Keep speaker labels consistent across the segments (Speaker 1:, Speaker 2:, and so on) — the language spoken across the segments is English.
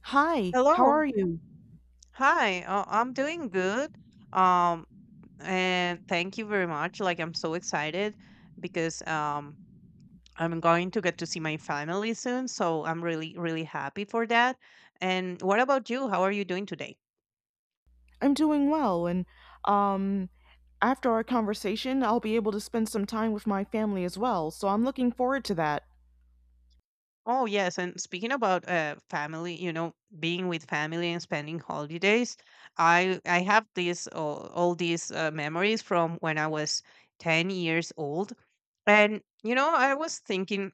Speaker 1: Hi, how are
Speaker 2: Hello.
Speaker 1: you?
Speaker 2: Hi. I'm doing good. Um, and thank you very much. Like, I'm so excited because I'm going to get to see my family soon. So I'm really, really happy for that. And what about you? How are you doing today?
Speaker 1: I'm doing well, and um, after our conversation, I'll be able to spend some time with my family as well, so I'm looking forward to that.
Speaker 2: Oh, yes. And speaking about family, you know, being with family and spending holidays, I have these all these memories from when I was 10 years old. And, you know, I was thinking.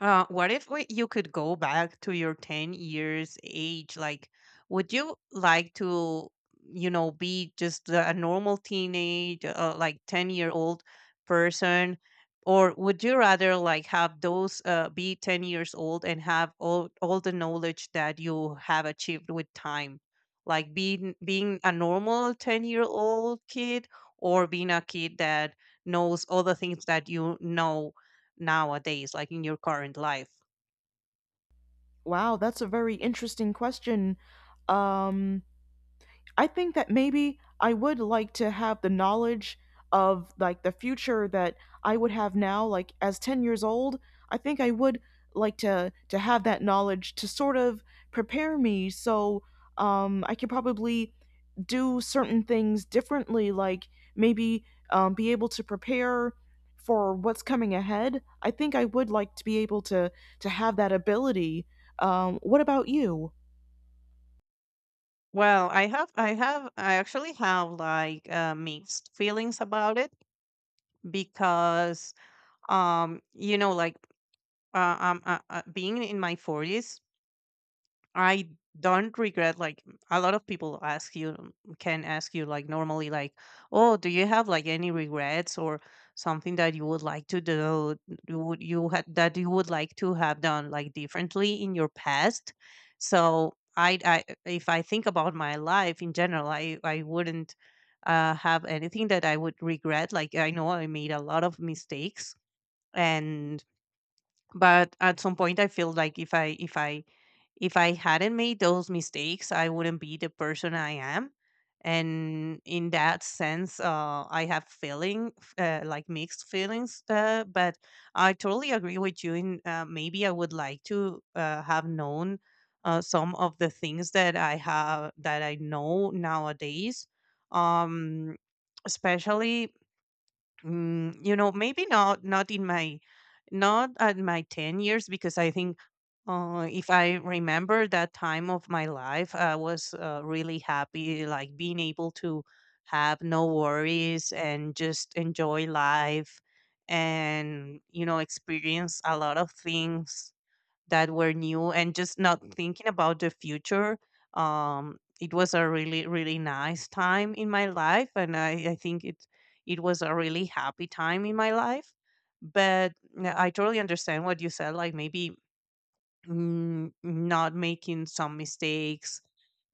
Speaker 2: What if you could go back to your 10 years age? Like, would you like to, you know, be just a normal teenage, like 10-year-old person? Or would you rather like have those be 10 years old and have all the knowledge that you have achieved with time? Like being a normal 10-year-old kid, or being a kid that knows all the things that you know nowadays, like in your current life?
Speaker 1: Wow, that's a very interesting question. Um, I think that maybe I would like to have the knowledge of like the future that I would have now like as 10 years old. I think I would like to have that knowledge to sort of prepare me so I could probably do certain things differently like maybe be able to prepare for what's coming ahead. I think I would like to be able to have that ability. What about you?
Speaker 2: Well, I have, I actually have like mixed feelings about it because, you know, like being in my forties. I don't regret like a lot of people ask you can ask you like normally like, oh, do you have like any regrets or something that you would like to do, you would you had that you would like to have done like differently in your past? So I if I think about my life in general, I wouldn't have anything that I would regret. Like I know I made a lot of mistakes and, but at some point I feel like if I hadn't made those mistakes, I wouldn't be the person I am. And in that sense, I have feeling f- like mixed feelings. But I totally agree with you. In Maybe I would like to have known some of the things that I have that I know nowadays. Um, Especially you know, maybe not in my not at my 10 years, because I think, if I remember that time of my life, I was really happy, like being able to have no worries and just enjoy life and, you know, experience a lot of things that were new and just not thinking about the future. It was a really, really nice time in my life, and I think it was a really happy time in my life. But yeah, I totally understand what you said. Like maybe, not making some mistakes,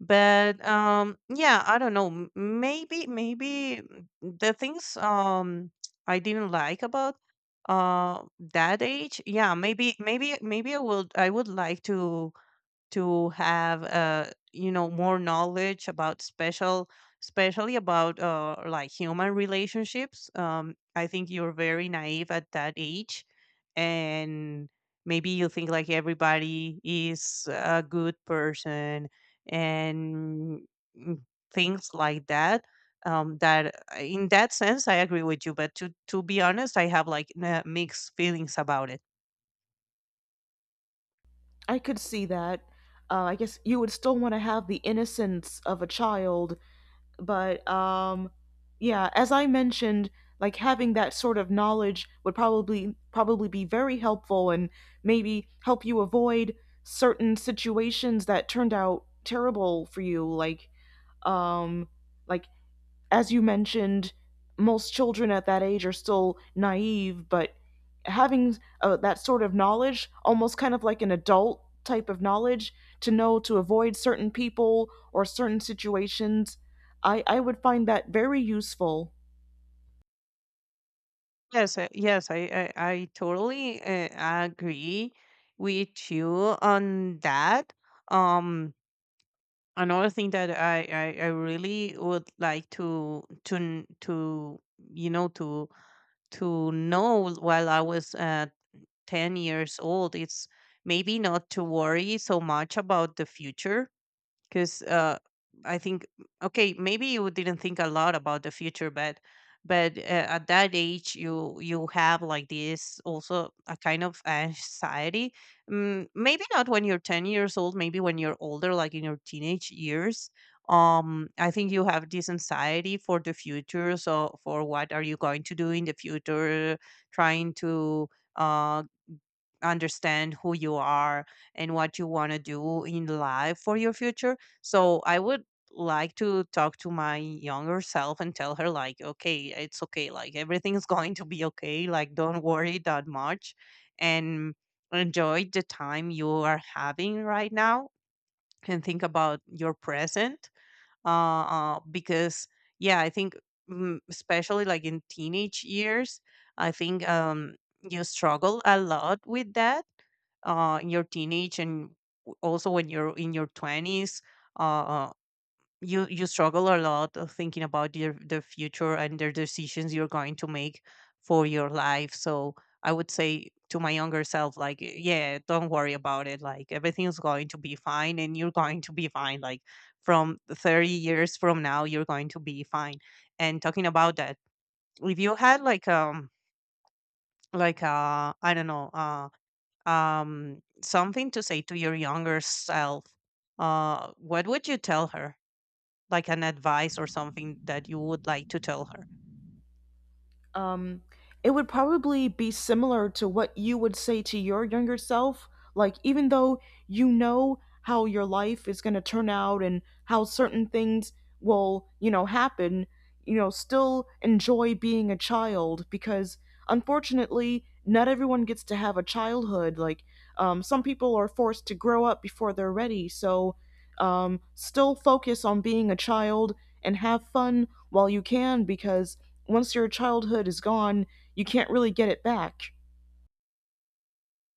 Speaker 2: but yeah, I don't know, maybe, maybe the things, I didn't like about uh that age. Yeah, maybe maybe I would I would like to have you know, more knowledge about special especially about like human relationships. I think you're very naive at that age, and maybe you think like everybody is a good person and, mm, things like that. In that sense I agree with you, but to be honest, I have like mixed feelings about it.
Speaker 1: I could see that. I guess you would still want to have the innocence of a child, but yeah, as I mentioned, like having that sort of knowledge would probably be very helpful and maybe help you avoid certain situations that turned out terrible for you, um, like as you mentioned, most children at that age are still naive, but having that sort of knowledge, almost kind of like an adult type of knowledge, to know to avoid certain people or certain situations, I would find that very useful.
Speaker 2: Yes, yes, I totally agree with you on that. Um, Another thing that I really would like to you know to to know while I was 10 years old, it's maybe not to worry so much about the future, because I think, okay, maybe you didn't think a lot about the future, but but uh, at that age, you have like this also a kind of anxiety. Maybe not when you're 10 years old, maybe when you're older, like in your teenage years. I think you have this anxiety for the future. So for what are you going to do in the future? Trying to uh understand who you are and what you want to do in life for your future. So I would like to talk to my younger self and tell her like, okay, it's okay, like everything's going to be okay, like don't worry that much, and enjoy the time you are having right now, and think about your present, because yeah, I think, especially like in teenage years, I think, you struggle a lot with that in your teenage, and also when you're in your 20s, uh, uh, you struggle a lot of thinking about your the future and the decisions you're going to make for your life. So I would say to my younger self, like, yeah, don't worry about it, like everything's going to be fine and you're going to be fine, like from 30 years from now you're going to be fine. And talking about that, if you had like I don't know, something to say to your younger self, what would you tell her? Like an advice or something that you would like to tell her?
Speaker 1: um, it would probably be similar to what you would say to your younger self. Like, even though you know how your life is going to turn out and how certain things will, you know, happen, you know, still enjoy being a child because unfortunately, not everyone gets to have a childhood. Like, some people are forced to grow up before they're ready. So, still focus on being a child and have fun while you can because once your childhood is gone, you can't really get it back.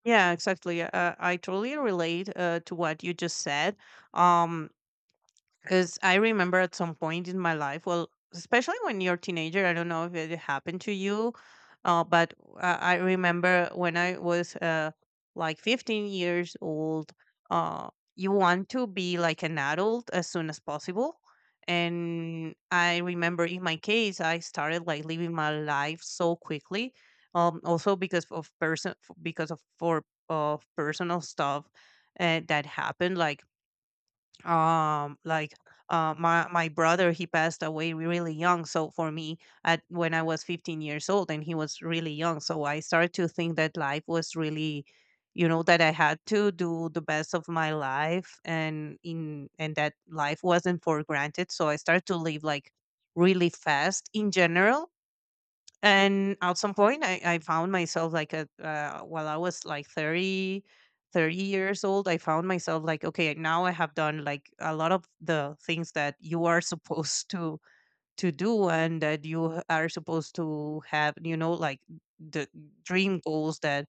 Speaker 2: Yeah, exactly. I totally relate to what you just said. Um, Because I remember at some point in my life, well, especially when you're a teenager, I don't know if it happened to you, but I remember when I was like 15 years old, uh, you want to be like an adult as soon as possible. And I remember in my case, I started like living my life so quickly. Also because of personal stuff that happened, like um like my brother, he passed away really young, so for me at when I was 15 years old, and he was really young, so I started to think that life was really, you know, that I had to do the best of my life, and in and that life wasn't for granted, so I started to live like really fast in general. And at some point I found myself like a while I was like 30 years old, I found myself like, okay, now I have done like a lot of the things that you are supposed to do and that you are supposed to have, you know, like the dream goals that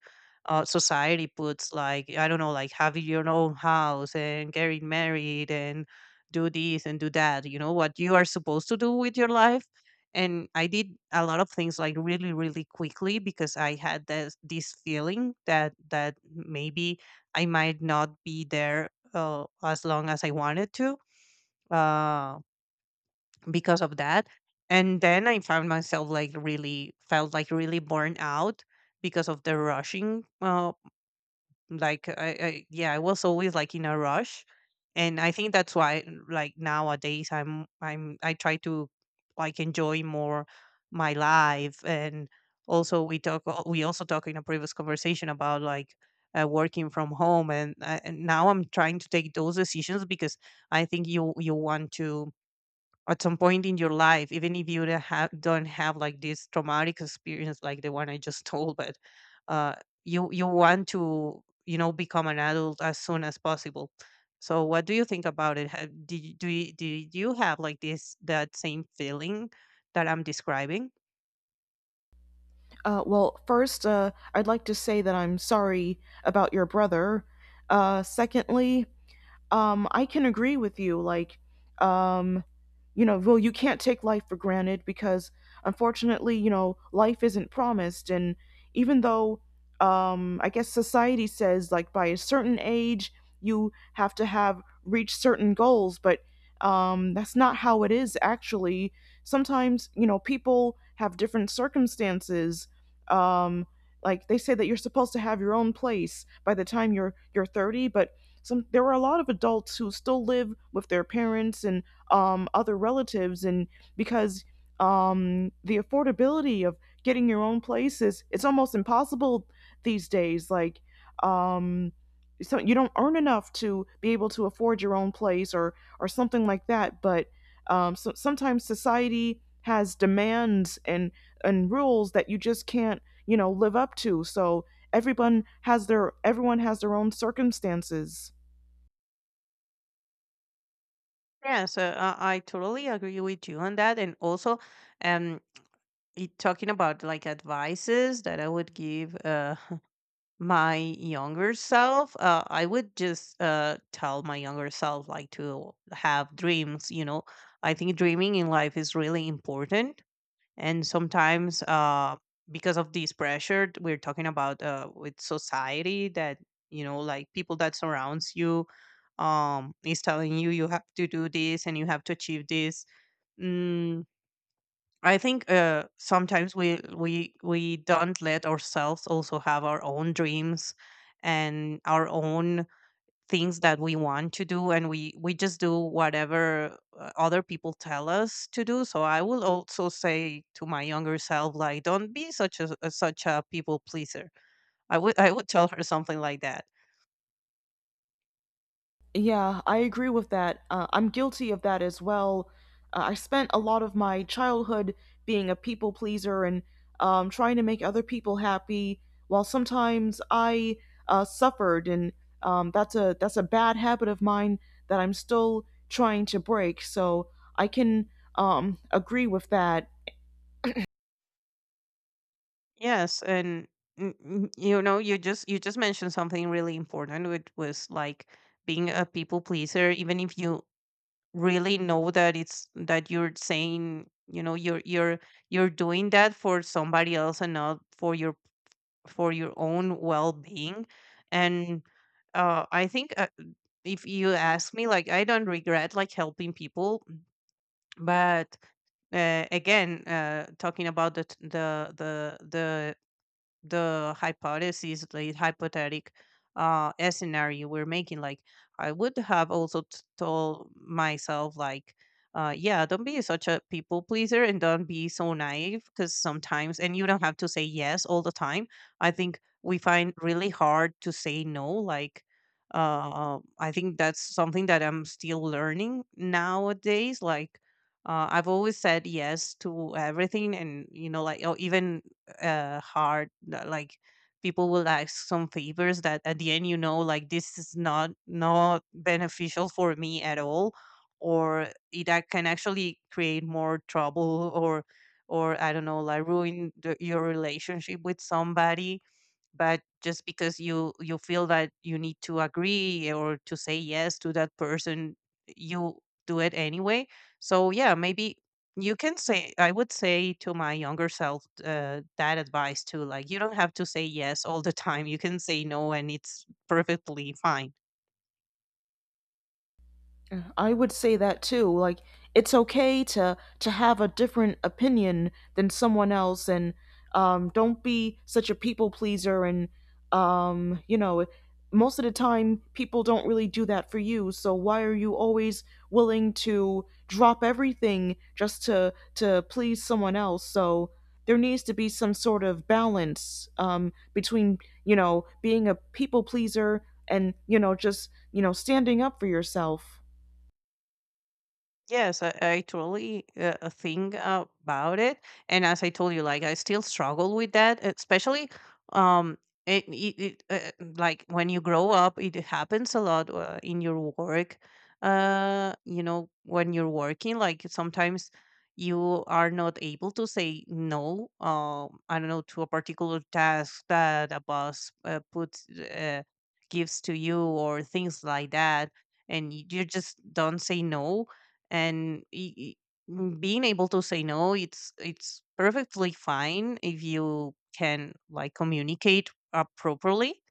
Speaker 2: society puts, like I don't know, like having your own house and getting married and do this and do that, you know, what you are supposed to do with your life. And I did a lot of things like really, really quickly, because I had this feeling that that maybe I might not be there as long as I wanted to. Uh, because of that. And then I found myself like, really felt like really burned out because of the rushing. Like I, I yeah, I was always like in a rush, and I think that's why like nowadays I try to like enjoy more my life. And also we talk we also talked in a previous conversation about like working from home, and now I'm trying to take those decisions, because I think you want to, at some point in your life, even if you don't have like this traumatic experience like the one I just told, but uh, you you want to, you know, become an adult as soon as possible. So what do you think about it? Have, did you, do you, did you have like this that same feeling that I'm describing?
Speaker 1: Well, first, I'd like to say that I'm sorry about your brother. Secondly, I can agree with you. Like, um, you know, well, you can't take life for granted because unfortunately, you know, life isn't promised. And even though, I guess society says like by a certain age, you have to have reached certain goals, but that's not how it is actually. Sometimes, you know, people have different circumstances. Um, like they say that you're supposed to have your own place by the time you're 30, but some there were a lot of adults who still live with their parents and other relatives and because the affordability of getting your own place is it's almost impossible these days like um, so you don't earn enough to be able to afford your own place or something like that but so sometimes society has demands and rules that you just can't you know live up to so everyone has their own circumstances.
Speaker 2: Yeah, so I totally agree with you on that, and also, um, talking about like advices that I would give my younger self, I would just tell my younger self like to have dreams, you know, I think dreaming in life is really important. And sometimes because of this pressure we're talking about with society that, you know, like people that surrounds you, is telling you you have to do this and you have to achieve this. Mm, I think sometimes we don't let ourselves also have our own dreams and our own things that we want to do, and we just do whatever other people tell us to do. So I will also say to my younger self, like, don't be such such a people pleaser. I would tell her something like that.
Speaker 1: Yeah, I agree with that. I'm guilty of that as well. I spent a lot of my childhood being a people pleaser and trying to make other people happy, while sometimes I suffered, and that's a bad habit of mine that I'm still trying to break. So I can agree with that.
Speaker 2: Yes, and you know, you just mentioned something really important, which was like being a people pleaser even if you really know that it's that you know you're doing that for somebody else and not for your for your own well-being. And I think, if you ask me, like, I don't regret like helping people, but again talking about the the hypothetic scenario we're making. Like, I would have also told myself, like, yeah, don't be such a people pleaser and don't be so naive, because sometimes, and you don't have to say yes all the time. I think we find really hard to say no. Like, I think that's something that I'm still learning nowadays. Like, I've always said yes to everything, and you know, like, oh, even hard li- like people will ask some favors that at the end, you know, like, this is not beneficial for me at all, or it can actually create more trouble, or I don't know, like ruin your relationship with somebody, but just because you feel that you need to agree or to say yes to that person, you do it anyway. So yeah, maybe you can say, I would say to my younger self, that advice too, like, you don't have to say yes all the time. You can say no, and it's perfectly fine.
Speaker 1: Yeah, I would say that too. Like it's okay to have a different opinion than someone else, and don't be such a people pleaser. And you know, most of the time, people don't really do that for you. So why are you always willing to drop everything just to please someone else? So there needs to be some sort of balance between you know being a people pleaser and you know just you know standing up for yourself.
Speaker 2: Yes, I totally think about it. And as I told you, like, I still struggle with that, especially um, it, it, it like when you grow up, it happens a lot in your work. You know, when you're working, like sometimes you are not able to say no. I don't know, to a particular task that a boss puts gives to you, or things like that, and you just don't say no. and y- y- m- Being able to say no, it's it's perfectly fine if you can like communicate properly,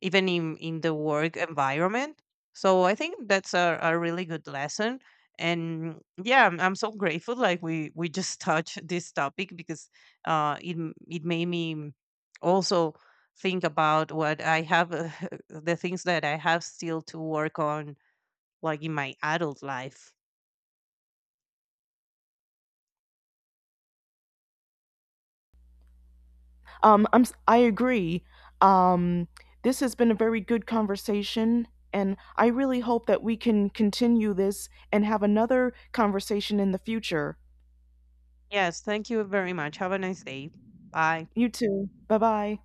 Speaker 2: even in the work environment. So I think that's a really good lesson. And yeah, I'm so grateful like we just touched this topic, because it made me also think about what I have, the things that I have still to work on, like in my adult life.
Speaker 1: I agree. Um, this has been a very good conversation, and I really hope that we can continue this and have another conversation in the future.
Speaker 2: Yes, thank you very much. Have a nice day. Bye.
Speaker 1: You too. Bye bye.